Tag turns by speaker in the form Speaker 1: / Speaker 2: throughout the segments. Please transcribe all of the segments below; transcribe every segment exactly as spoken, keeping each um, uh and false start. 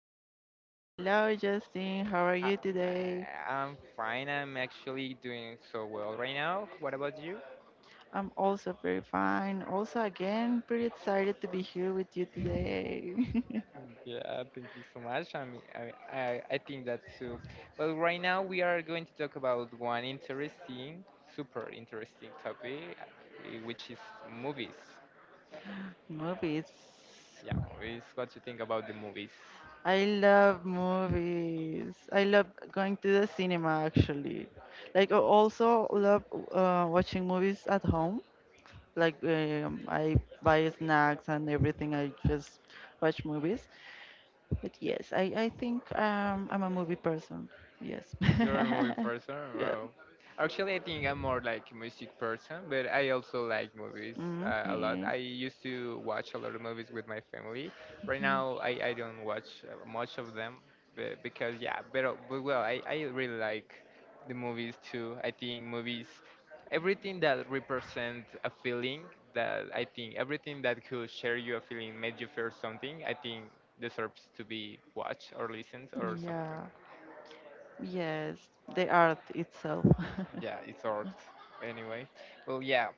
Speaker 1: Angie.
Speaker 2: Hello, Justin. How are
Speaker 1: Hi,
Speaker 2: you today?
Speaker 1: I'm fine. I'm actually doing so well right now. What about you?
Speaker 2: I'm also very fine. Also, again, pretty excited to be here with you today.
Speaker 1: Yeah, thank you so much. I mean, I, I, I think that too. Well, right now we are going to talk about one interesting, super interesting topic, uh, which is movies.
Speaker 2: Movies.
Speaker 1: Yeah, movies. What you think about the movies?
Speaker 2: I love movies. I love going to the cinema actually. Like I also love uh, watching movies at home. Like um, I buy snacks and everything. I just watch movies. But yes, I I think um, I'm a movie person. Yes.
Speaker 1: You're a movie person?
Speaker 2: Yeah.
Speaker 1: Well, actually, I think I'm more like a music person, but I also like movies uh, a lot.
Speaker 2: Mm-hmm.
Speaker 1: I used to watch a lot of movies with my family. Right now, I, I don't watch uh, much of them but, because, yeah, but, uh, but well, I, I really like the movies too. I think movies, everything that represent a feeling that I think everything that could share you a feeling, made you feel something, I think deserves to be watched or listened or something.
Speaker 2: Yeah. Yes, the art itself.
Speaker 1: Yeah, it's art anyway. Well, yeah.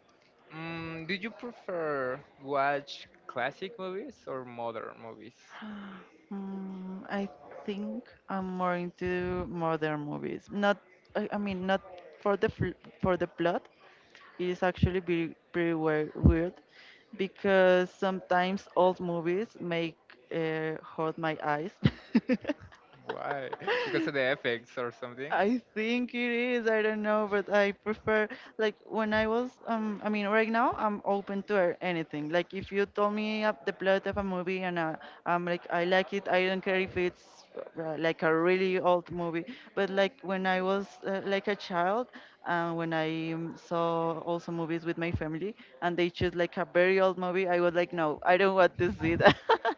Speaker 1: Mm, do you prefer watch classic movies or modern movies?
Speaker 2: Mm, I think I'm more into modern movies. Not, I, I mean, not for the fl for the plot. It is actually be pretty weir- weird because sometimes old movies make uh, hurt my eyes.
Speaker 1: Why? Because of the effects or something?
Speaker 2: I think it is. I don't know, but I prefer, like, when I was um I mean, right now I'm open to a- anything. Like if you told me up the plot of a movie and uh, I'm like I like it, I don't care if it's uh, like a really old movie. But like when I was uh, like a child, uh, when I um, saw also movies with my family and they choose like a very old movie, I was like no, I don't want to see that.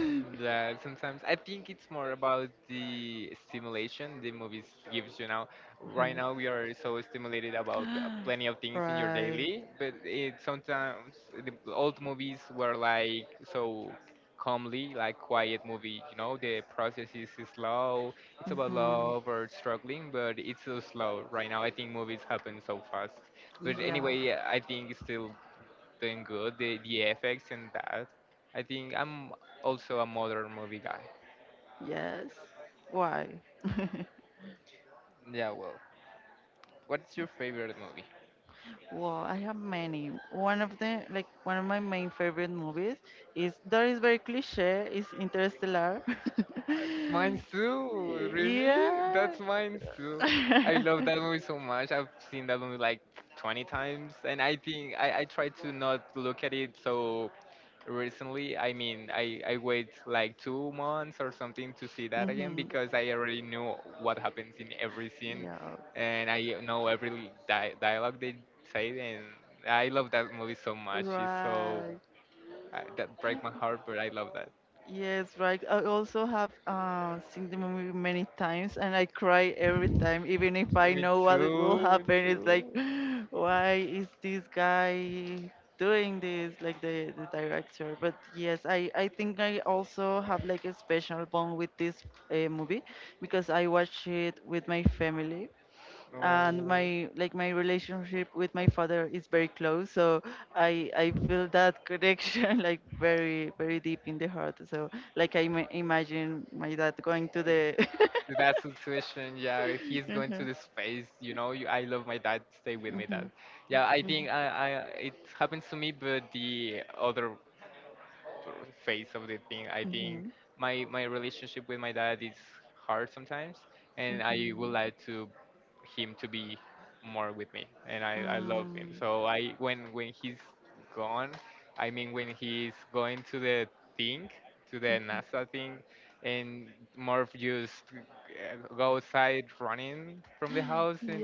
Speaker 1: Mm, Yeah, sometimes I think it's more about the stimulation the movies gives you now. Right now we are so stimulated about uh, plenty of things in your
Speaker 2: Right.
Speaker 1: daily, but it sometimes the old movies were like so calmly, like quiet movie. You know, the process is slow. It's about
Speaker 2: Hmm.
Speaker 1: love or struggling, but it's so slow. Right now I think movies happen so fast. But
Speaker 2: Yeah.
Speaker 1: anyway, I think still doing good. The the effects and that. I think I'm also a modern movie guy.
Speaker 2: Yes. Why?
Speaker 1: Yeah, well, what's your favorite movie?
Speaker 2: Well, I have many. One of the like one of my main favorite movies is that is very cliche, is Interstellar.
Speaker 1: Mine too. Really?
Speaker 2: Yeah.
Speaker 1: That's mine too. I love that movie so much. I've seen that movie like twenty times, and I think I, I try to not look at it so recently. I mean, I, I wait like two months or something to see that again
Speaker 2: Hmm.
Speaker 1: because I already knew what happens in every scene
Speaker 2: Yeah.
Speaker 1: and I know every di- dialogue they say. And I love that movie so much. It's so,
Speaker 2: Right.
Speaker 1: uh, that break my heart, but I love that.
Speaker 2: Yes, right. I also have uh, seen the movie many times, and I cry every time, even if I
Speaker 1: Me
Speaker 2: know what it will
Speaker 1: too, me
Speaker 2: happen. It's like,
Speaker 1: too.
Speaker 2: why is this guy doing this? Like the the director. But yes, I I think I also have like a special bond with this uh, movie because I watched it with my family and my like my relationship with my father is very close, so i i feel that connection like very, very deep in the heart, so like i ma- imagine my dad going to the
Speaker 1: No. That's the situation. Yeah, he's going to
Speaker 2: Mhm,
Speaker 1: the space. You know, you, I love my dad. Stay with me, dad.
Speaker 2: mhm,
Speaker 1: Yeah, I
Speaker 2: mhm,
Speaker 1: think I, I it happens to me, but the other face of the thing. I think
Speaker 2: mhm,
Speaker 1: my my relationship with my dad is hard sometimes, and I would
Speaker 2: mhm.
Speaker 1: like to him to be more with me, and I I love him.
Speaker 2: Mm,
Speaker 1: So I when when he's gone, I mean when he's going to the thing, to the NASA thing, and Morph just uh, go outside running from the house and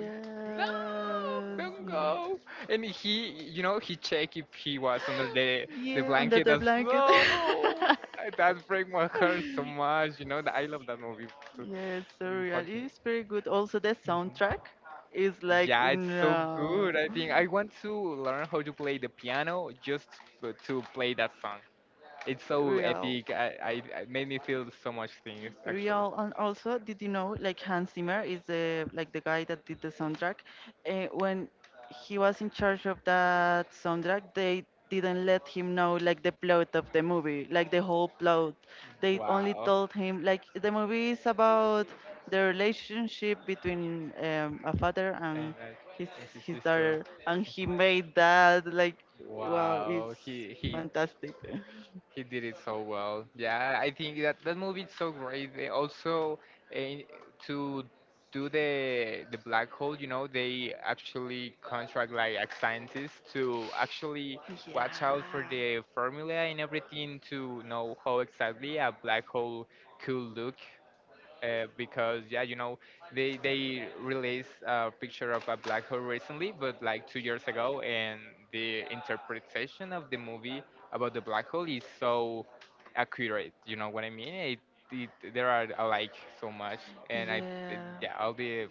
Speaker 1: no, don't
Speaker 2: mm.
Speaker 1: go. And he, you know, he checked if he was under the the
Speaker 2: Yeah under
Speaker 1: blanket
Speaker 2: the
Speaker 1: as
Speaker 2: blanket.
Speaker 1: well. I- That break my heart so much. You know that I love that movie too.
Speaker 2: Yes,
Speaker 1: And
Speaker 2: surreal.
Speaker 1: fucking.
Speaker 2: It's pretty good. Also, the
Speaker 1: Mhm.
Speaker 2: soundtrack is like
Speaker 1: Yeah, it's
Speaker 2: mm,
Speaker 1: so
Speaker 2: uh,
Speaker 1: good. I think I want to learn how to play the piano just to, to play that song. It's so
Speaker 2: real.
Speaker 1: epic. I, I it made me feel so much things actually.
Speaker 2: Real, and also did you know like Hans Zimmer is the like the guy that did the soundtrack? uh, when he was in charge of that soundtrack, they didn't let him know like the plot of the movie, like the whole plot. They only
Speaker 1: Wow.
Speaker 2: told him like the movie is about the relationship between um, a father
Speaker 1: And
Speaker 2: and
Speaker 1: I,
Speaker 2: his
Speaker 1: this is
Speaker 2: his
Speaker 1: sister.
Speaker 2: daughter, and he
Speaker 1: Mhm.
Speaker 2: made that, like, wow,
Speaker 1: Wow.
Speaker 2: it's
Speaker 1: He he
Speaker 2: fantastic.
Speaker 1: He did it so well. Yeah, I think that that movie is so great. They also eh, to do the the black hole, you know, they actually contract like a scientist to actually watch out for
Speaker 2: Yeah.
Speaker 1: the formula and everything to know how exactly a black hole could look uh, because yeah, you know, they they released a picture of a black hole recently, but like two years ago, and the interpretation of the movie about the black hole is so accurate. You know what I mean? It, it there are uh, like so much, and I it-
Speaker 2: Yeah,
Speaker 1: yeah, all the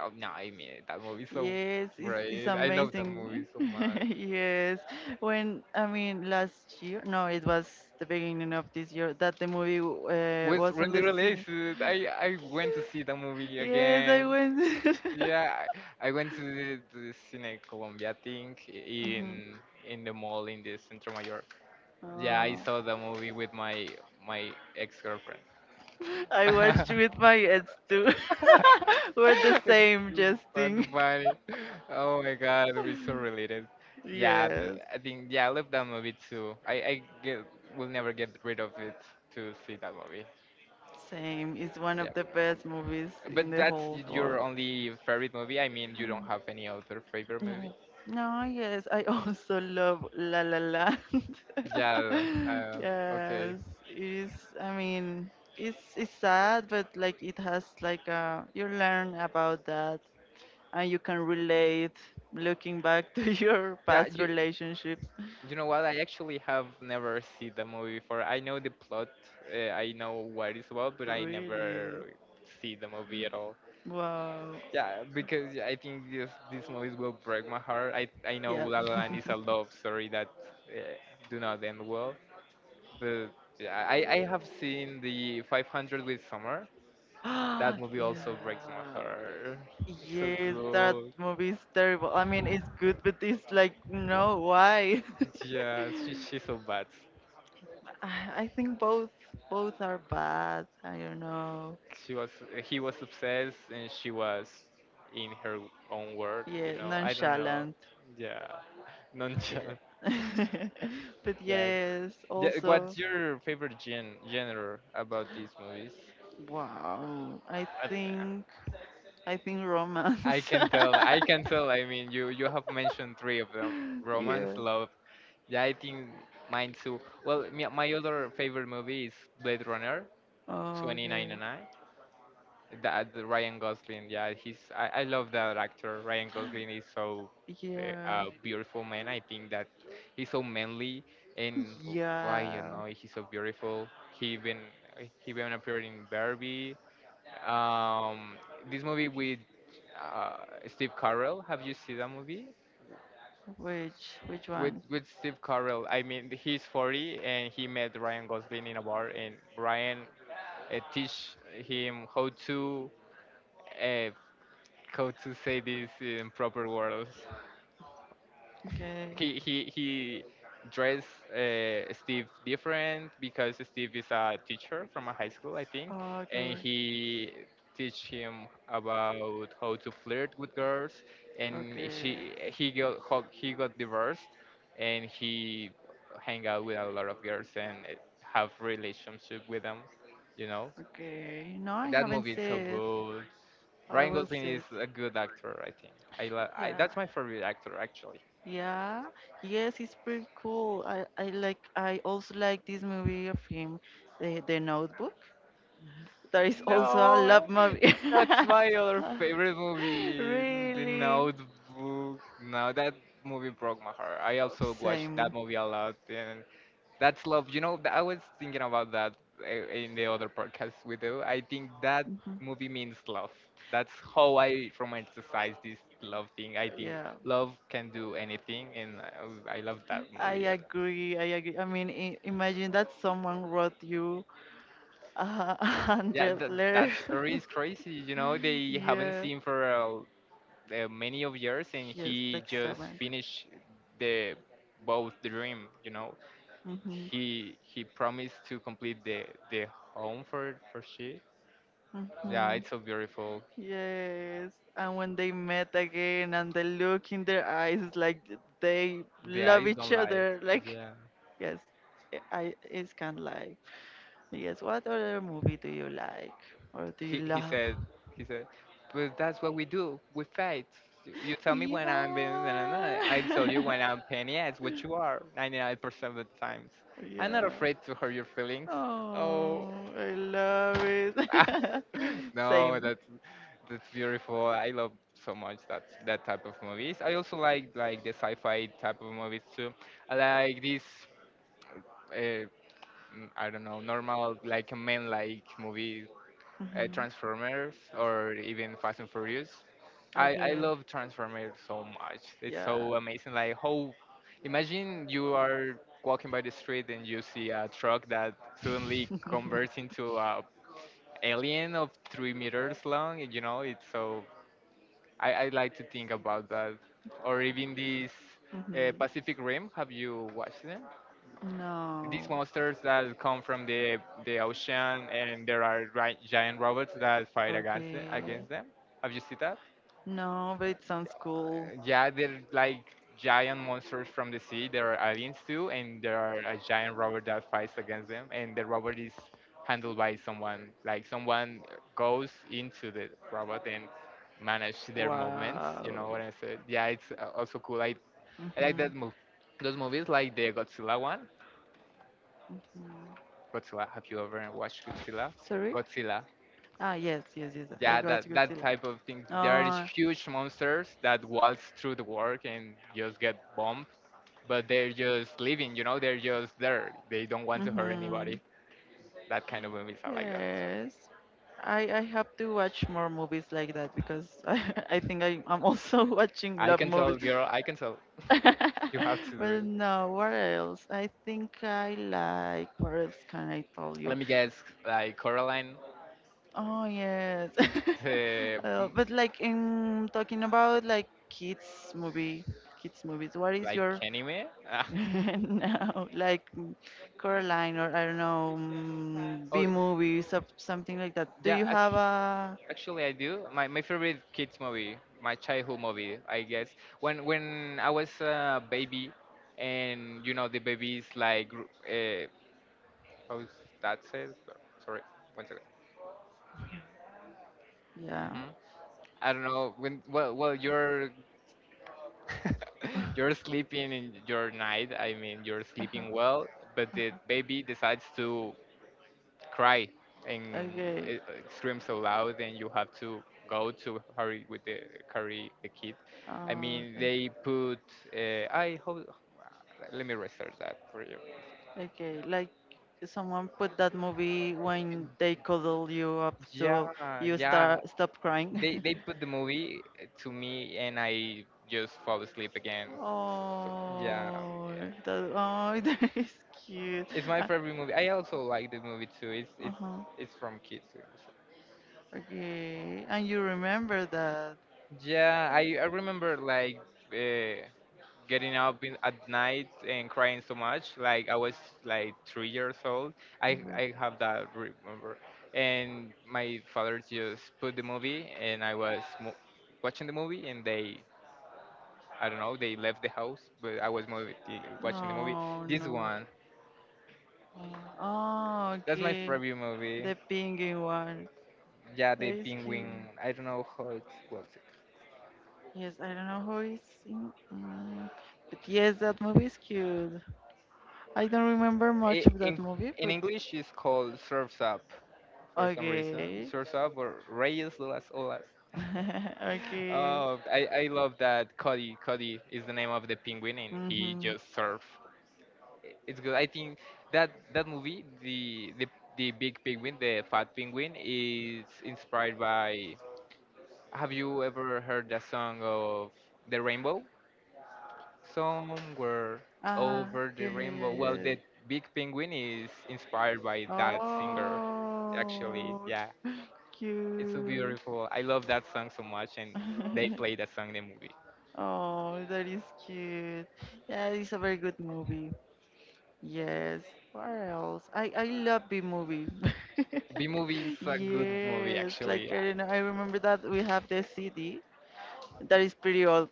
Speaker 1: oh, no, I mean that movie is so
Speaker 2: yes, it's, it's
Speaker 1: great. I love that movie
Speaker 2: amazing.
Speaker 1: so much.
Speaker 2: Yes, when I mean, last year, no, it was the beginning of this year that the movie uh,
Speaker 1: Was
Speaker 2: was on
Speaker 1: really
Speaker 2: the scene.
Speaker 1: released. I I went to see the movie
Speaker 2: Yes, I
Speaker 1: again.
Speaker 2: went.
Speaker 1: Yeah, I, I went to the, to the Cine Colombia thing
Speaker 2: Mhm.
Speaker 1: in in the mall in the Centro Mayor. Yeah, I
Speaker 2: Oh.
Speaker 1: saw the movie with my my ex girlfriend.
Speaker 2: I watched with my ex too. We're the
Speaker 1: It's
Speaker 2: same,
Speaker 1: so
Speaker 2: Justin.
Speaker 1: funny. Oh my god, we're so related. Yeah, th-
Speaker 2: Yes.
Speaker 1: I think yeah, I love that movie too. I I get will never get rid of it to see that movie.
Speaker 2: Same. It's one
Speaker 1: Yeah,
Speaker 2: of the best movies
Speaker 1: but
Speaker 2: in the
Speaker 1: that's
Speaker 2: whole
Speaker 1: y- your
Speaker 2: world.
Speaker 1: only favorite movie. I mean, you don't
Speaker 2: Um,
Speaker 1: have any other favorite.
Speaker 2: No. No, yes, I also love La La Land.
Speaker 1: Yeah, uh, okay.
Speaker 2: Yes, it's, I mean, it's it's sad, but like it has like a you learn about that and you can relate, looking back to your
Speaker 1: Yeah,
Speaker 2: past
Speaker 1: you
Speaker 2: relationships.
Speaker 1: you know what? I actually have never seen the movie before. I know the plot, uh, I know what it's about, but I
Speaker 2: Really.
Speaker 1: never see the movie at all.
Speaker 2: Wow.
Speaker 1: Yeah, because yeah, I think this these movies will break my heart. I I know
Speaker 2: Yeah.
Speaker 1: La La Land is a love story that uh, do not end well, but yeah, I I have seen the five hundred with Summer. That
Speaker 2: Yeah.
Speaker 1: movie also breaks my heart. It's so
Speaker 2: Yes, that
Speaker 1: good.
Speaker 2: movie is terrible. I mean, it's good, but it's like, no, why?
Speaker 1: Yeah, she, she's so bad.
Speaker 2: I I think both both are bad. I don't know.
Speaker 1: She was he was obsessed and she was in her own world, you
Speaker 2: Yeah,
Speaker 1: know, I don't know.
Speaker 2: nonchalant.
Speaker 1: Yeah, nonchalant.
Speaker 2: Yeah. But
Speaker 1: That
Speaker 2: yes,
Speaker 1: yeah,
Speaker 2: also,
Speaker 1: what's your favorite gen genre about these movies.
Speaker 2: wow. I
Speaker 1: i
Speaker 2: think I think
Speaker 1: I
Speaker 2: romance.
Speaker 1: can tell, I can tell. I mean, you you have mentioned three of them, romance,
Speaker 2: Yeah.
Speaker 1: love. Yeah, I think mine too. Well, my, my other favorite movie is blade runner
Speaker 2: Okay.
Speaker 1: twenty ninety-nine. That the Ryan Gosling, yeah, he's I, I love that actor. Ryan Gosling is so uh, uh,
Speaker 2: Yeah.
Speaker 1: beautiful man. I think that he's so manly and why you
Speaker 2: Yeah.
Speaker 1: know he's so beautiful. He even he even appeared in Barbie. Um, this movie with uh, Steve Carell. Have you seen that movie
Speaker 2: Which which
Speaker 1: with
Speaker 2: one?
Speaker 1: with Steve Carell? I mean, he's forty and he met Ryan Gosling in a bar, and Ryan uh, teach him how to. Uh, how to say this in proper words.
Speaker 2: Okay.
Speaker 1: He he he dressed uh, Steve different because Steve is a teacher from a high school, I think,
Speaker 2: Ah,
Speaker 1: and
Speaker 2: okay,
Speaker 1: he teach him about how to flirt with girls. And
Speaker 2: okay,
Speaker 1: she he got ho- he got divorced, and he hang out with a lot of girls and eh, have relationship with them. You know
Speaker 2: okay. No, I
Speaker 1: that
Speaker 2: haven't
Speaker 1: movie is so
Speaker 2: said.
Speaker 1: good.
Speaker 2: I
Speaker 1: Ryan
Speaker 2: will
Speaker 1: Gosling
Speaker 2: sit.
Speaker 1: is a good actor, I think. I, lo- I
Speaker 2: Yeah,
Speaker 1: that's my favorite actor actually.
Speaker 2: yeah. Yes, it's pretty cool. I, I like. I also like this movie of him, the the Notebook. There is also a
Speaker 1: No,
Speaker 2: love
Speaker 1: eh,
Speaker 2: movie.
Speaker 1: that's my other favorite movie, The
Speaker 2: Really,
Speaker 1: Notebook. No, that movie broke my heart. I also watched that
Speaker 2: same.
Speaker 1: movie a lot, and that's love. You know, th- I was thinking about that eh, in the other podcast we do. I think that
Speaker 2: Mhm.
Speaker 1: movie means love. That's how I romanticize this love thing. I think
Speaker 2: Yeah,
Speaker 1: love can do anything, and I, I love that
Speaker 2: I
Speaker 1: movie.
Speaker 2: agree. I agree. I mean, i- imagine that someone wrote you a
Speaker 1: Yeah,
Speaker 2: hundred
Speaker 1: th-
Speaker 2: letters.
Speaker 1: that story is crazy. You know, they haven't
Speaker 2: Yeah,
Speaker 1: seen for uh, uh, many of years, and
Speaker 2: yes,
Speaker 1: he
Speaker 2: like
Speaker 1: just
Speaker 2: seven.
Speaker 1: finished the both dream. You know,
Speaker 2: Mm-hmm.
Speaker 1: he he promised to complete the the home for for she. Yeah,
Speaker 2: Mm-hmm.
Speaker 1: it's so beautiful.
Speaker 2: Yes. And when they met again and the look in their eyes is like th- they
Speaker 1: The
Speaker 2: love
Speaker 1: eyes don't
Speaker 2: each
Speaker 1: lie.
Speaker 2: other. Like,
Speaker 1: Yeah.
Speaker 2: yes, I I- it's kind of like, yes, what other movie do you like or do you
Speaker 1: He he
Speaker 2: love?
Speaker 1: said he said, but that's what we do. We fight. You you tell me when I'm being na- na- na, I tell you
Speaker 2: Yeah.
Speaker 1: when I'm penny. Yeah, it's what you are ninety-nine percent of the times. I'm not
Speaker 2: Yeah.
Speaker 1: afraid to hurt your feelings. Oh,
Speaker 2: Oh, I love it.
Speaker 1: no,
Speaker 2: Same.
Speaker 1: that's that's beautiful. I love so much that that type of movies. I also like like the sci-fi type of movies too. I like this. Uh, mm, I don't know, normal like a man like movies uh,
Speaker 2: Mhm.
Speaker 1: Transformers or even Fast and Furious. I, I
Speaker 2: Okay.
Speaker 1: love Transformers so much. It's
Speaker 2: Yeah.
Speaker 1: so amazing. Like how imagine you are walking by the street and you see a truck that suddenly converts into a alien of three meters long. You know, it's so I, I like to think about that. Or even this uh,
Speaker 2: Mhm.
Speaker 1: Pacific Rim. Have you watched it?
Speaker 2: No.
Speaker 1: These monsters that come from the the ocean and there are ri- giant robots that fight against them,
Speaker 2: Okay.
Speaker 1: against them. Have you seen that?
Speaker 2: No, but it sounds cool.
Speaker 1: Yeah, they're like giant monsters from the sea. There are aliens too, and there are a giant robot that fights against them. And the robot is handled by someone. Like someone goes into the robot and manage their movements. You know what
Speaker 2: Wow.
Speaker 1: I said? Yeah, it's uh, also cool. I, I like
Speaker 2: Mhm.
Speaker 1: that move. Those movies, like the Godzilla one,
Speaker 2: Mhm.
Speaker 1: Godzilla. Have you ever watched Godzilla?
Speaker 2: Sorry?
Speaker 1: Godzilla.
Speaker 2: Ah, yes, yes, yes. I
Speaker 1: Yeah,
Speaker 2: got
Speaker 1: that that
Speaker 2: Godzilla.
Speaker 1: type of things. There are these
Speaker 2: Oh.
Speaker 1: huge monsters that waltz through the world and just get bombed, but they're just living. You know, they're just there. They don't want to hurt
Speaker 2: Mhm.
Speaker 1: anybody. That kind of movies are like that.
Speaker 2: Yes. I I have to watch more movies like that because I I think I I'm also watching
Speaker 1: I
Speaker 2: love
Speaker 1: can tell,
Speaker 2: movies.
Speaker 1: girl. I can tell. You have to do
Speaker 2: Well,
Speaker 1: it.
Speaker 2: no, what else? I think I like. What else can I tell you?
Speaker 1: Let me guess. Like Coraline,
Speaker 2: Oh, yes.
Speaker 1: it's, uh,
Speaker 2: Uh,
Speaker 1: m-
Speaker 2: but like in talking about like kids movie, kids movies. What is
Speaker 1: like
Speaker 2: your
Speaker 1: anime. Ah.
Speaker 2: no, like mm, Coraline or I don't know, mm, B
Speaker 1: Oh
Speaker 2: movies, or something like that. Do
Speaker 1: yeah.
Speaker 2: you have a?
Speaker 1: Actually, I do. My, my favorite kids movie, my childhood movie, I guess. When when I was a baby, and you know the babies like gr- uh, how is that said? Well, sorry, one second.
Speaker 2: Yeah.
Speaker 1: Mm-hmm. I don't know when. Well, well, you're you're sleeping in your night. I mean, you're
Speaker 2: Uh-huh.
Speaker 1: sleeping well, but the baby decides to cry and
Speaker 2: Okay.
Speaker 1: e- scream so loud, and you have to go to hurry with the carry the kid. I
Speaker 2: Uh,
Speaker 1: mean
Speaker 2: okay.
Speaker 1: they put uh, I hope, let me research that for you.
Speaker 2: Okay. Like someone put that movie when they cuddle you up,
Speaker 1: Yeah,
Speaker 2: so you
Speaker 1: yeah,
Speaker 2: start stop crying.
Speaker 1: they they put the movie uh, to me, and I just fall asleep again, so yeah,
Speaker 2: Oh,
Speaker 1: yeah.
Speaker 2: that oh, that is cute.
Speaker 1: It's my favorite movie. I also like the movie too. It's
Speaker 2: Uh
Speaker 1: it's
Speaker 2: huh.
Speaker 1: it's from kids.
Speaker 2: Okay. And you remember that.
Speaker 1: Yeah, i i remember like uh, getting up in, at night and crying so much. Like I was like three years old.
Speaker 2: Okay.
Speaker 1: I I have that remember. And my father just put the movie, and I was mo- watching the movie, and they I don't know they left the house, but I was movie, watching the movie.
Speaker 2: Oh
Speaker 1: This
Speaker 2: no.
Speaker 1: one,
Speaker 2: Oh,
Speaker 1: that's my
Speaker 2: okay.
Speaker 1: favorite movie.
Speaker 2: The penguin one.
Speaker 1: Yeah,
Speaker 2: That
Speaker 1: the
Speaker 2: is
Speaker 1: penguin.
Speaker 2: cute.
Speaker 1: I don't know how it's called.
Speaker 2: Yes, I don't know who is in. Mm, but yes, that movie is cute. I don't remember much
Speaker 1: It,
Speaker 2: of that
Speaker 1: in
Speaker 2: movie,
Speaker 1: in
Speaker 2: but
Speaker 1: English, it's called Surfs Up, for some reason.
Speaker 2: okay.
Speaker 1: Sursa por Reyes de las Olas.
Speaker 2: Okay.
Speaker 1: Oh, I, I love that Cody. Cody is the name of the penguin, and he
Speaker 2: Mm-hmm.
Speaker 1: just surf. I- It's good. I think that that movie, the the the big penguin, the fat penguin, is inspired by. Have you ever heard the song of the rainbow? Somewhere
Speaker 2: Ah,
Speaker 1: over the
Speaker 2: yeah, yeah, yeah,
Speaker 1: rainbow. Well,
Speaker 2: yeah.
Speaker 1: the big penguin is inspired by that singer, actually.
Speaker 2: Oh,
Speaker 1: Yeah. It's so
Speaker 2: cute.
Speaker 1: beautiful. I love that song so much, and they play that song in the movie.
Speaker 2: Oh, that is cute. Yeah, it's a very good movie. Yes. What else? I I love B movie.
Speaker 1: B movie is a good movie,
Speaker 2: Yes,
Speaker 1: actually.
Speaker 2: like
Speaker 1: Yeah,
Speaker 2: I don't know. I remember that we have the C D that is pretty old.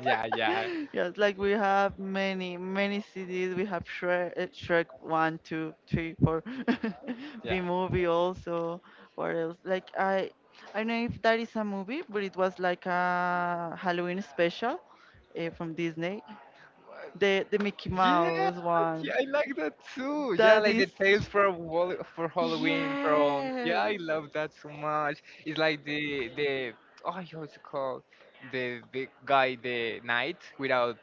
Speaker 1: yeah, yeah,
Speaker 2: Yes, like we have many, many C Ds. We have Shrek, uh, Shrek one, two, three, four. two, B
Speaker 1: yeah.
Speaker 2: movie also. What else? Like, I. I don't know if that is a movie, but it was like a Halloween special uh, from Disney. The the Mickey
Speaker 1: Yeah,
Speaker 2: Mouse one.
Speaker 1: yeah, I like that too. Yeah,
Speaker 2: That
Speaker 1: like
Speaker 2: is
Speaker 1: the tales from Wall for Halloween from. Yeah,
Speaker 2: yes.
Speaker 1: I love that so much. It's like the the oh, yeah, what's it called? The the guy, the knight without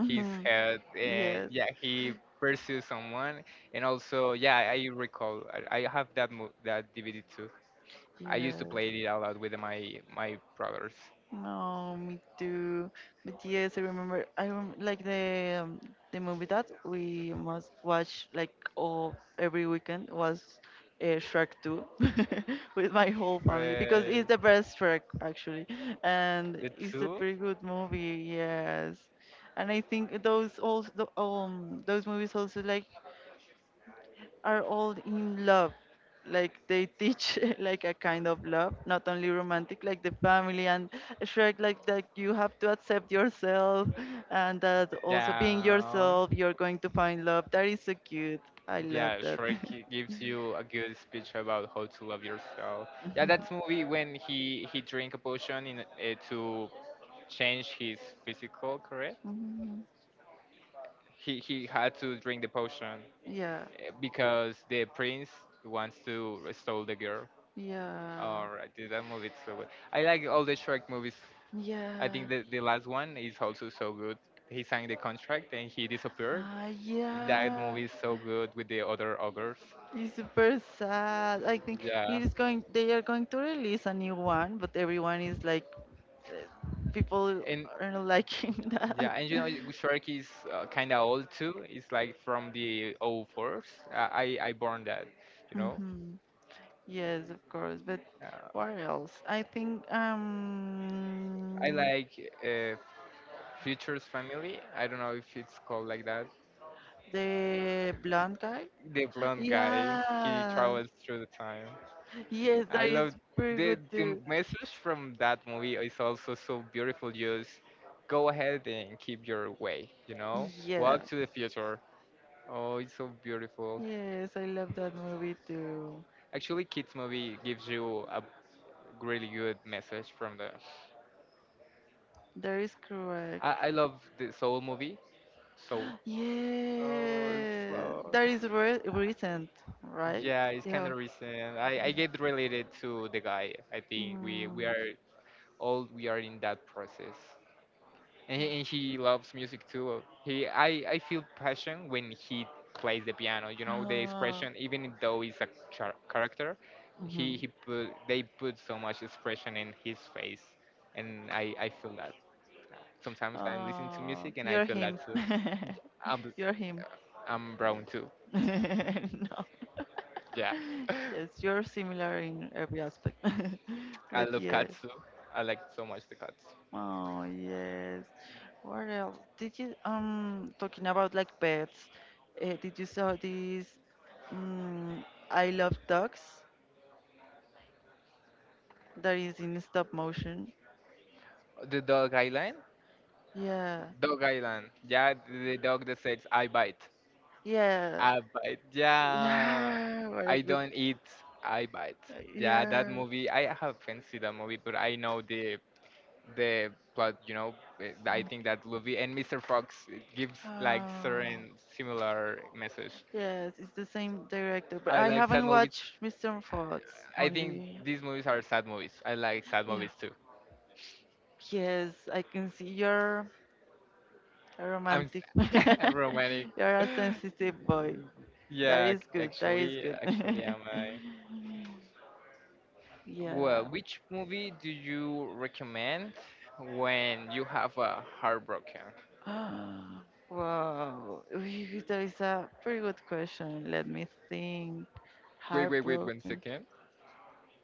Speaker 1: his head. And
Speaker 2: Yes.
Speaker 1: yeah, he pursues someone, and also yeah, I recall. I, I have that mo- that D V D too. I used to play it
Speaker 2: Yes.
Speaker 1: a lot with my my brothers.
Speaker 2: No, me too. But yes, I remember. I rem like the um, the movie that we must watch like all every weekend was uh, Shrek two with my whole family because
Speaker 1: Shrek,
Speaker 2: it's the best Shrek actually, and
Speaker 1: the
Speaker 2: it's a
Speaker 1: two,
Speaker 2: pretty good movie. Yes, and I think those also um those movies also like are all in love. Like they teach like a kind of love, not only romantic, like the family, and Shrek, like that you have to accept yourself, and that also being
Speaker 1: yeah,
Speaker 2: yourself, you're going to find love. That is so cute. I love
Speaker 1: yeah.
Speaker 2: that.
Speaker 1: Shrek gi- gives you a good speech about how to love yourself. Yeah, that's movie when he he drink a potion in uh, to change his physical, correct?
Speaker 2: Mhm.
Speaker 1: He he had to drink the potion
Speaker 2: Yeah,
Speaker 1: eh, because the prince wants to stole the girl.
Speaker 2: yeah,
Speaker 1: Alright, dude, that movie is so good. I like all the Shrek movies. I
Speaker 2: yeah.
Speaker 1: think the, the last one is also so good. He signed the contract and he disappeared.
Speaker 2: Ah,
Speaker 1: That
Speaker 2: yeah.
Speaker 1: movie is so good with the other ogres.
Speaker 2: It's super sad. I think
Speaker 1: Yeah,
Speaker 2: it is going. They are going to release a new one, but everyone is like, uh, people
Speaker 1: and
Speaker 2: are not liking that.
Speaker 1: yeah, and you know, Shrek is uh, kind of old too. It's like from the zero fours. I I I born that, you know.
Speaker 2: Hmm. Yes, of course. But
Speaker 1: Uh,
Speaker 2: what else? I think um
Speaker 1: I like uh, Future's Family. I don't know if it's called like that.
Speaker 2: the blonde guy.
Speaker 1: The blonde guy, he
Speaker 2: Yeah.
Speaker 1: travels through the time.
Speaker 2: Yes,
Speaker 1: I
Speaker 2: that is
Speaker 1: love
Speaker 2: pretty
Speaker 1: the
Speaker 2: good
Speaker 1: the
Speaker 2: too.
Speaker 1: message from that movie is also so beautiful. Just go ahead and keep your way, you know,
Speaker 2: Yeah.
Speaker 1: walk to the future. Oh, it's so beautiful.
Speaker 2: Yes, I love that movie too.
Speaker 1: Actually, kids movie gives you a really good message from the.
Speaker 2: That is correct.
Speaker 1: I, I love the Soul movie. Soul. Oh, it's
Speaker 2: Yeah,
Speaker 1: so
Speaker 2: that is re recent, right?
Speaker 1: yeah, it's kind
Speaker 2: Yeah.
Speaker 1: of recent. I, I get related to the guy. I think we we
Speaker 2: Mm.
Speaker 1: are all we are in that process. And he, and he loves music too. He I I feel passion when he plays the piano. You know the
Speaker 2: Uh,
Speaker 1: expression, even though he's a char- character, he
Speaker 2: mhm.
Speaker 1: he put they put so much expression in his face, and I I feel that. Sometimes I'm listening to
Speaker 2: Oh,
Speaker 1: music and I
Speaker 2: you're
Speaker 1: feel that
Speaker 2: him.
Speaker 1: too. I'm
Speaker 2: You're
Speaker 1: uh,
Speaker 2: him.
Speaker 1: I'm brown too.
Speaker 2: Yes. No.
Speaker 1: Yeah,
Speaker 2: Yes, you're similar in every aspect.
Speaker 1: I
Speaker 2: But
Speaker 1: love
Speaker 2: yes.
Speaker 1: cats too. I like so much the cats.
Speaker 2: Oh, yes. What else? Did you um talking about like pets? Uh, did you saw this mm, I love dogs that is in stop motion?
Speaker 1: The dog island,
Speaker 2: Yeah.
Speaker 1: dog island. Yeah, the dog that says I bite.
Speaker 2: Yeah.
Speaker 1: I bite. Yeah,
Speaker 2: Yeah, what a
Speaker 1: I
Speaker 2: good.
Speaker 1: don't eat. I bite. Yeah, that
Speaker 2: Yeah.
Speaker 1: movie. I haven't seen that movie, but I know the the plot. You know, eh, I think that movie and Mister Fox it gives like
Speaker 2: Ah,
Speaker 1: certain similar message.
Speaker 2: yes, it's the same director, but
Speaker 1: I
Speaker 2: I
Speaker 1: like sad
Speaker 2: haven't
Speaker 1: movies.
Speaker 2: watched mister Fox
Speaker 1: I think
Speaker 2: only.
Speaker 1: these movies are sad movies. I like sad
Speaker 2: Yeah.
Speaker 1: movies too.
Speaker 2: Yes, I can see you're a
Speaker 1: I'm
Speaker 2: romantic.
Speaker 1: s- romantic.
Speaker 2: You're a sensitive boy. That
Speaker 1: Yeah,
Speaker 2: is
Speaker 1: ac-
Speaker 2: good. That is
Speaker 1: actually,
Speaker 2: good.
Speaker 1: actually, am I?
Speaker 2: Yeah.
Speaker 1: Well, which movie do you recommend when you have a heartbroken?
Speaker 2: Ah, wow. That is a pretty good question. Let me think.
Speaker 1: Wait, wait, wait, one
Speaker 2: Heartbroken.
Speaker 1: second.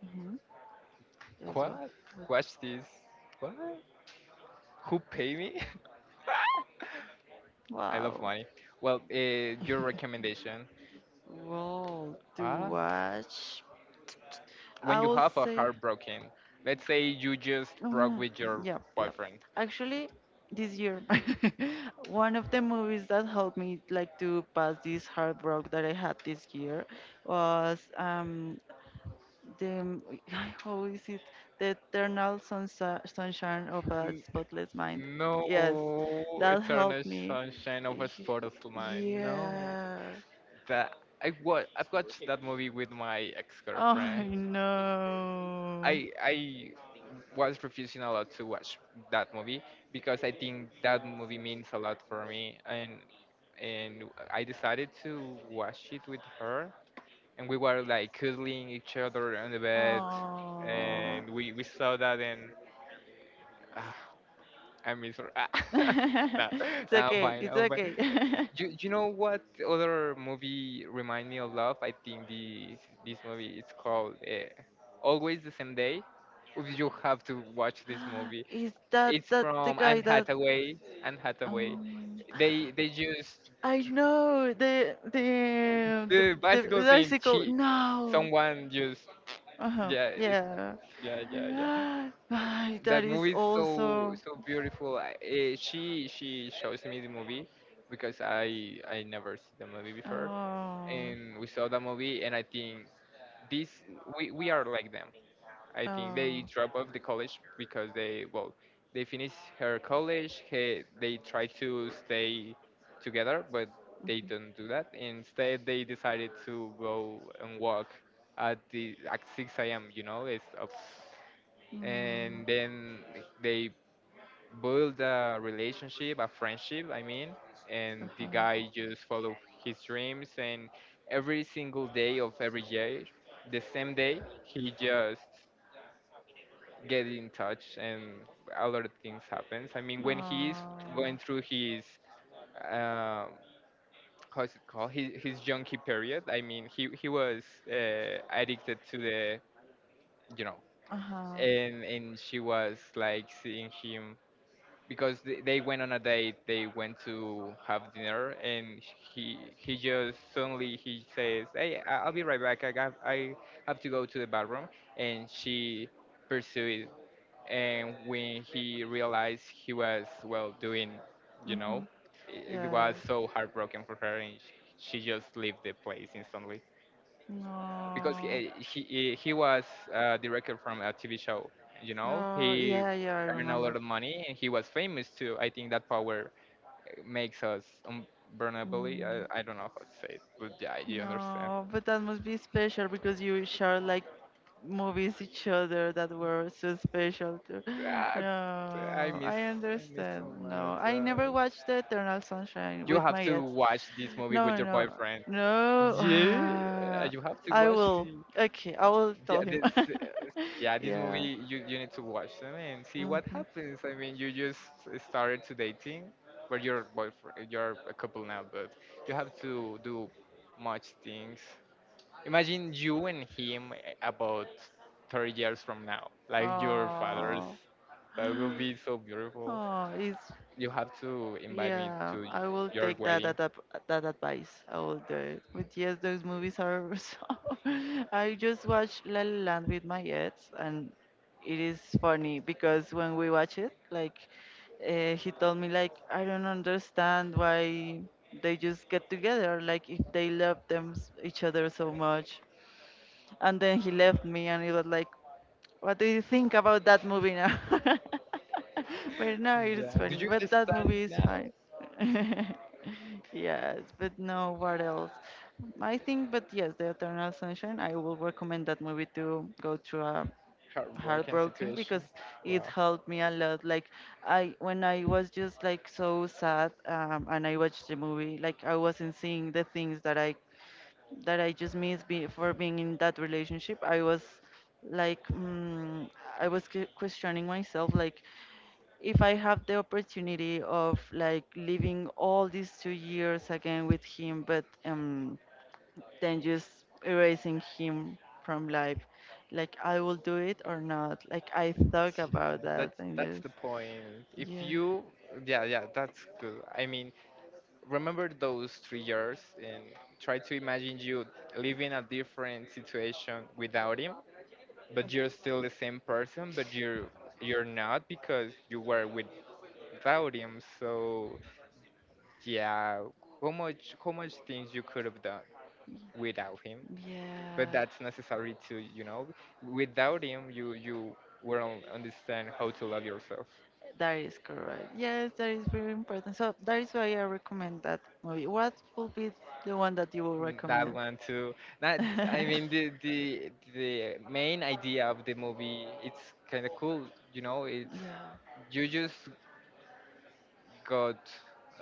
Speaker 2: Mm-hmm. Yes. wa-
Speaker 1: What? Watch this.
Speaker 2: wa-
Speaker 1: What? Who pay me? I love
Speaker 2: Wow.
Speaker 1: money. Well, uh, your recommendation.
Speaker 2: Well, to
Speaker 1: Ah,
Speaker 2: watch, I
Speaker 1: when you
Speaker 2: would
Speaker 1: have a
Speaker 2: say,
Speaker 1: heartbroken, let's say you just broke
Speaker 2: oh, with
Speaker 1: with
Speaker 2: your
Speaker 1: your
Speaker 2: yep, yep.
Speaker 1: boyfriend.
Speaker 2: Actually, this year, one of the movies that helped me like to pass this heartbreak that I had this year was um the how is it, the Eternal Sunsa- Sunshine of a
Speaker 1: N-
Speaker 2: Spotless Mind.
Speaker 1: No,
Speaker 2: Yes, that
Speaker 1: eternal
Speaker 2: helped me.
Speaker 1: sunshine of a
Speaker 2: Y-
Speaker 1: spotless mind. No.
Speaker 2: Yeah.
Speaker 1: That I wa- I've watched that movie with my
Speaker 2: I
Speaker 1: ex-girlfriend.
Speaker 2: know.
Speaker 1: I I was refusing a lot to watch that movie because I think that movie means a lot for me, and and I decided to watch it with her, and we were like cuddling each other on the bed,
Speaker 2: Oh.
Speaker 1: and we, we saw that, and ah, I miss her. No,
Speaker 2: It's
Speaker 1: no, I'm
Speaker 2: okay.
Speaker 1: fine.
Speaker 2: It's
Speaker 1: I'm fine.
Speaker 2: okay.
Speaker 1: You you know what other movie remind me of love? I think this this movie is called uh, Always the Same Day. If You have to watch this movie.
Speaker 2: Is that
Speaker 1: It's
Speaker 2: that the
Speaker 1: from
Speaker 2: guy
Speaker 1: Anne
Speaker 2: that
Speaker 1: Hathaway. Anne Hathaway.
Speaker 2: um
Speaker 1: They they just
Speaker 2: I know the the the,
Speaker 1: the
Speaker 2: the
Speaker 1: bicycle thing.
Speaker 2: bicycle
Speaker 1: She
Speaker 2: no.
Speaker 1: someone just
Speaker 2: Uh-huh.
Speaker 1: yeah it's
Speaker 2: Yeah.
Speaker 1: yeah yeah yeah.
Speaker 2: Ay,
Speaker 1: That
Speaker 2: that is
Speaker 1: movie is so
Speaker 2: also
Speaker 1: so beautiful. I, eh, she she shows me the movie because I I never see the movie before,
Speaker 2: oh
Speaker 1: and we saw that movie, and I think this we, we are like them. I think they
Speaker 2: oh
Speaker 1: drop off the college because they well, they finish her college. He, they try to stay together, but they don't do that. Instead, they decided to go and walk at the at six a m a.m, you know, it's up.
Speaker 2: mm.
Speaker 1: And then they build a relationship, a friendship, I mean, and the
Speaker 2: Uh-huh.
Speaker 1: guy just followed his dreams, and every single day of every year, the same day, he just get in touch, and a lot of things happens. I mean, when he's
Speaker 2: Oh.
Speaker 1: going through his uh, how's it called, his, his junkie period, I mean, he he was uh, addicted to the, you know.
Speaker 2: Uh-huh.
Speaker 1: and and she was like seeing him because they, they went on a date. They went to have dinner, and he he just suddenly he says, hey, I- I'll be right back, i got i have to go to the bathroom. And she pursued, and when he realized he was well doing, you
Speaker 2: Mm-hmm.
Speaker 1: know. it it was
Speaker 2: Yes.
Speaker 1: so heartbroken for her, and sh- she just left the place instantly because he
Speaker 2: No.
Speaker 1: eh, he, eh, he was a director from a T V show. You know,
Speaker 2: No.
Speaker 1: he
Speaker 2: Yeah, yeah, I
Speaker 1: earned a lot
Speaker 2: remember.
Speaker 1: of money, and he was famous too. I think that power eh, makes us unburnable.
Speaker 2: Mm,
Speaker 1: I, I don't know how to say it, but yeah, you understand.
Speaker 2: no, but that must be special because you share like movies each other that were so special to.
Speaker 1: Ah, I
Speaker 2: No,
Speaker 1: miss
Speaker 2: I
Speaker 1: I miss
Speaker 2: understand,
Speaker 1: so
Speaker 2: no,
Speaker 1: much.
Speaker 2: I
Speaker 1: Uh,
Speaker 2: never watched the Eternal Sunshine
Speaker 1: you
Speaker 2: with
Speaker 1: have
Speaker 2: my
Speaker 1: to
Speaker 2: ex.
Speaker 1: watch this movie with
Speaker 2: No,
Speaker 1: your
Speaker 2: no,
Speaker 1: boyfriend.
Speaker 2: no.
Speaker 1: Yeah,
Speaker 2: Ah,
Speaker 1: you have to
Speaker 2: I
Speaker 1: watch
Speaker 2: will.
Speaker 1: it.
Speaker 2: Okay, I will
Speaker 1: Yeah,
Speaker 2: tell
Speaker 1: this,
Speaker 2: him.
Speaker 1: uh, yeah, this
Speaker 2: Yeah.
Speaker 1: movie you, you need to watch them and see what
Speaker 2: Hmm.
Speaker 1: happens. I mean, you just started to dating, but you're boyfriend, you're a couple now, but you have to do much things. Imagine you and him eh, about thirty years from now, like your fathers.
Speaker 2: Oh.
Speaker 1: That will be so beautiful.
Speaker 2: Oh, it's
Speaker 1: You have to invite me
Speaker 2: yeah,
Speaker 1: to
Speaker 2: I will
Speaker 1: your
Speaker 2: take that
Speaker 1: wedding.
Speaker 2: that ap- that advice. I will do it. But yes, those movies are so. I just watched La La Land with my ex, and it is funny because when we watch it, like, uh, he told me like I don't understand why they just get together. Like if they love them s- each other so much, and then he left me, and it was like, what do you think about that movie now? But no, it's
Speaker 1: Yeah. Do
Speaker 2: funny.
Speaker 1: you
Speaker 2: But that
Speaker 1: understand
Speaker 2: movie is
Speaker 1: now?
Speaker 2: fine. Yes, but no, what else? I think, but yes, the Eternal Sunshine, I will recommend that movie to go through a
Speaker 1: Heartbroken
Speaker 2: heartbroken because
Speaker 1: situation.
Speaker 2: it helped me a lot. Like, I, when I was just like so sad, um, and I watched the movie, like, I wasn't seeing the things that I that I just missed be, for being in that relationship. I was like, mm, I was que- questioning myself, like, if I have the opportunity of like living all these two years again with him, but um, then just erasing him from life, like, I will do it or not. Like, I thought
Speaker 1: Yeah,
Speaker 2: about that
Speaker 1: that's
Speaker 2: and
Speaker 1: that's
Speaker 2: this.
Speaker 1: the point. If
Speaker 2: Yeah,
Speaker 1: you, yeah, yeah, that's good. I mean, remember those three years and try to imagine you living a different situation without him, but you're still the same person, but you're you're not because you were without him. So yeah, how much how much things you could have done without him, but
Speaker 2: yeah.
Speaker 1: that's necessary to you know. Without him, you you won't understand how to love yourself.
Speaker 2: That is correct. Yes, that is very important. So that is why I recommend that movie. What would be the one that you will
Speaker 1: Mm, that
Speaker 2: recommend?
Speaker 1: one too. That I
Speaker 2: Yeah.
Speaker 1: mean the the the main idea of the movie it's kind of cool. You know, it's you just got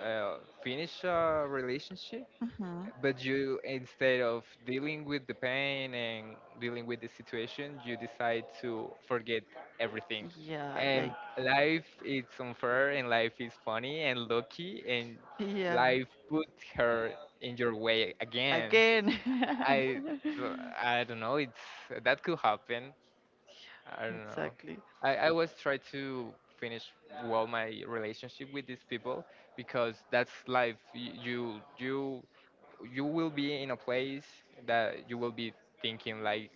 Speaker 1: uh, finished a relationship,
Speaker 2: Hmm.
Speaker 1: but you instead of dealing with the pain and dealing with the situation, you decide to forget everything.
Speaker 2: Yeah,
Speaker 1: And
Speaker 2: like
Speaker 1: life is unfair, and life is funny and lucky, and
Speaker 2: yeah.
Speaker 1: life put her in your way again.
Speaker 2: Again.
Speaker 1: I uh, I don't know. It's that could happen. I don't know.
Speaker 2: Exactly.
Speaker 1: I I always try to finish well my relationship with these people because that's life. Y- You you you will be in a place that you will be thinking like,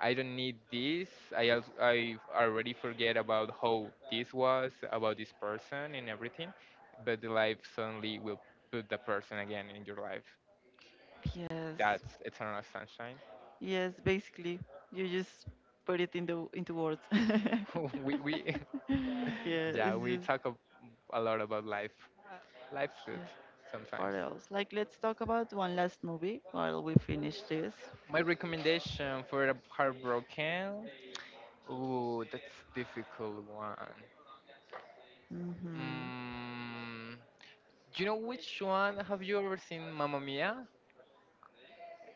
Speaker 1: I don't need this. I al- I already forget about how this was about this person and everything, but the life suddenly will put the person again in your life.
Speaker 2: Yes.
Speaker 1: That's eternal sunshine.
Speaker 2: Yes, basically. You just put it in the into words.
Speaker 1: we we
Speaker 2: Yeah,
Speaker 1: yeah,
Speaker 2: it's
Speaker 1: we
Speaker 2: just,
Speaker 1: talk a, a lot about life. Life's
Speaker 2: yeah.
Speaker 1: good sometimes.
Speaker 2: What else? Like, let's talk about one last movie while we finish this.
Speaker 1: My recommendation for a heartbroken. Ooh, that's difficult one.
Speaker 2: Mm-hmm.
Speaker 1: Mm, you know which one? Have you ever seen Mamma Mia?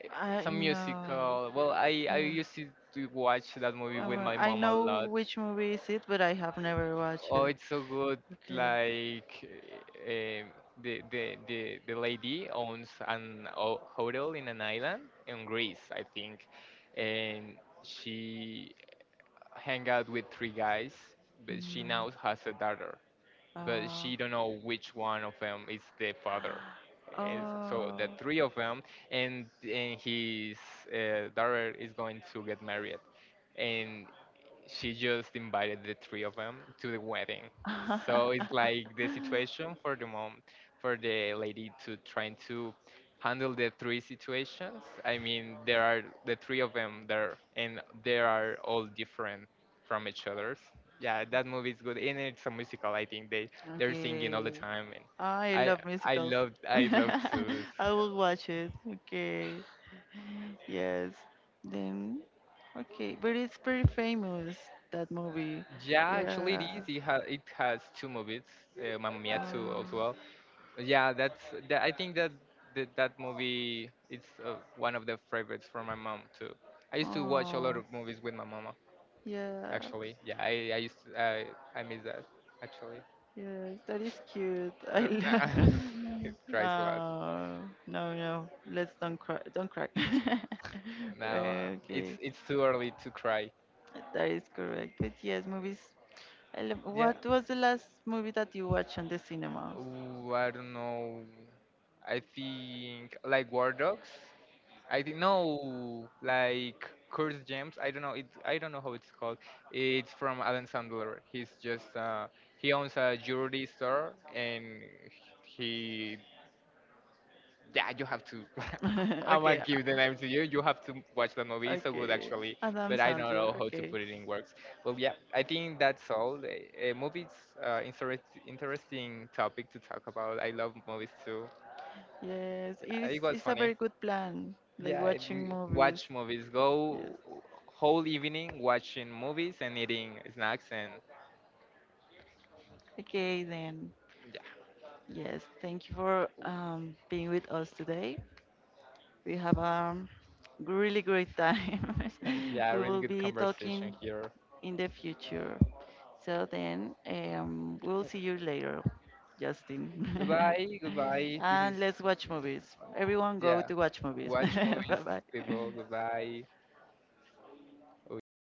Speaker 2: I
Speaker 1: It's a
Speaker 2: know.
Speaker 1: musical. Well, I I
Speaker 2: Yeah.
Speaker 1: used to to watch that movie with
Speaker 2: Um,
Speaker 1: my
Speaker 2: I
Speaker 1: mom a
Speaker 2: know
Speaker 1: lot.
Speaker 2: which movie is it, but I have never watched
Speaker 1: Oh,
Speaker 2: it.
Speaker 1: it's so good.
Speaker 2: Okay.
Speaker 1: Like um, the, the the the lady owns an ho- hotel in an island in Greece, I think, and she hang out with three guys, but she
Speaker 2: Mhm.
Speaker 1: now has a daughter, but
Speaker 2: Uh,
Speaker 1: she don't know which one of them is the father. And so
Speaker 2: oh.
Speaker 1: the three of them, and and his uh, daughter is going to get married, and she just invited the three of them to the wedding. So it's like the situation for the mom, for the lady to trying to handle the three situations. I mean, there are the three of them there, and they are all different from each other's. Yeah, that movie is good, and it's a musical. I think they they're singing
Speaker 2: Okay.
Speaker 1: all the time, and
Speaker 2: I
Speaker 1: I
Speaker 2: love
Speaker 1: I
Speaker 2: musicals.
Speaker 1: love I love to
Speaker 2: I
Speaker 1: this.
Speaker 2: will watch it. Okay. Yes. Then, okay. But it's pretty famous, that movie.
Speaker 1: Yeah, actually, it
Speaker 2: Yeah.
Speaker 1: is. It, ha- it has two movies, uh, Mamma Mia two as well. Yeah, that's that, I think that, that that movie it's uh, one of the favorites for my mom too. I
Speaker 2: Ah,
Speaker 1: used to watch a lot
Speaker 2: oh,
Speaker 1: of movies with my mama
Speaker 2: yeah,
Speaker 1: actually. Yeah, I I used to, I I miss that actually.
Speaker 2: yes, that is cute. I
Speaker 1: Uh,
Speaker 2: love.
Speaker 1: it cries a lot.
Speaker 2: Oh, no, no, let's don't cry, don't cry.
Speaker 1: Now uh, it's
Speaker 2: Okay,
Speaker 1: it's too early to cry.
Speaker 2: that is correct. But yes, movies. I love,
Speaker 1: Yeah.
Speaker 2: what was the last movie that you watched on the cinema?
Speaker 1: Ooh, I don't know. I think like War Dogs. I didn't know like Curse Gems. I don't know it. I don't know how it's called. It's from Adam Sandler. He's just uh, he owns a jewelry store and he yeah you have to. I'm gonna
Speaker 2: Okay,
Speaker 1: give the name to you. You have to watch the
Speaker 2: uh,
Speaker 1: movie. It's so good
Speaker 2: Okay.
Speaker 1: actually,
Speaker 2: Adam
Speaker 1: but I don't
Speaker 2: Sandler.
Speaker 1: know how to
Speaker 2: Okay.
Speaker 1: put it in words. Well, yeah, I think that's all. A, a movie's uh, interest, interesting topic to talk about. I love movies too.
Speaker 2: Yes,
Speaker 1: Yeah,
Speaker 2: it's
Speaker 1: it was
Speaker 2: it's a
Speaker 1: funny.
Speaker 2: very good plan, like
Speaker 1: Yeah,
Speaker 2: watching
Speaker 1: d-
Speaker 2: movies.
Speaker 1: watch movies.
Speaker 2: Yes.
Speaker 1: Go whole evening watching movies and eating snacks and
Speaker 2: Okay, then.
Speaker 1: yeah,
Speaker 2: Yes, thank you for um, being with us today. We have a really great time.
Speaker 1: yeah,
Speaker 2: We
Speaker 1: really
Speaker 2: will
Speaker 1: good
Speaker 2: be
Speaker 1: conversation
Speaker 2: talking
Speaker 1: here.
Speaker 2: in the future. So then, um, we'll see you later, Justin.
Speaker 1: Goodbye, goodbye. This
Speaker 2: And
Speaker 1: is
Speaker 2: let's watch movies. Everyone go
Speaker 1: yeah,
Speaker 2: to watch movies.
Speaker 1: watch movies,
Speaker 2: Bye bye.
Speaker 1: people. Goodbye. Oh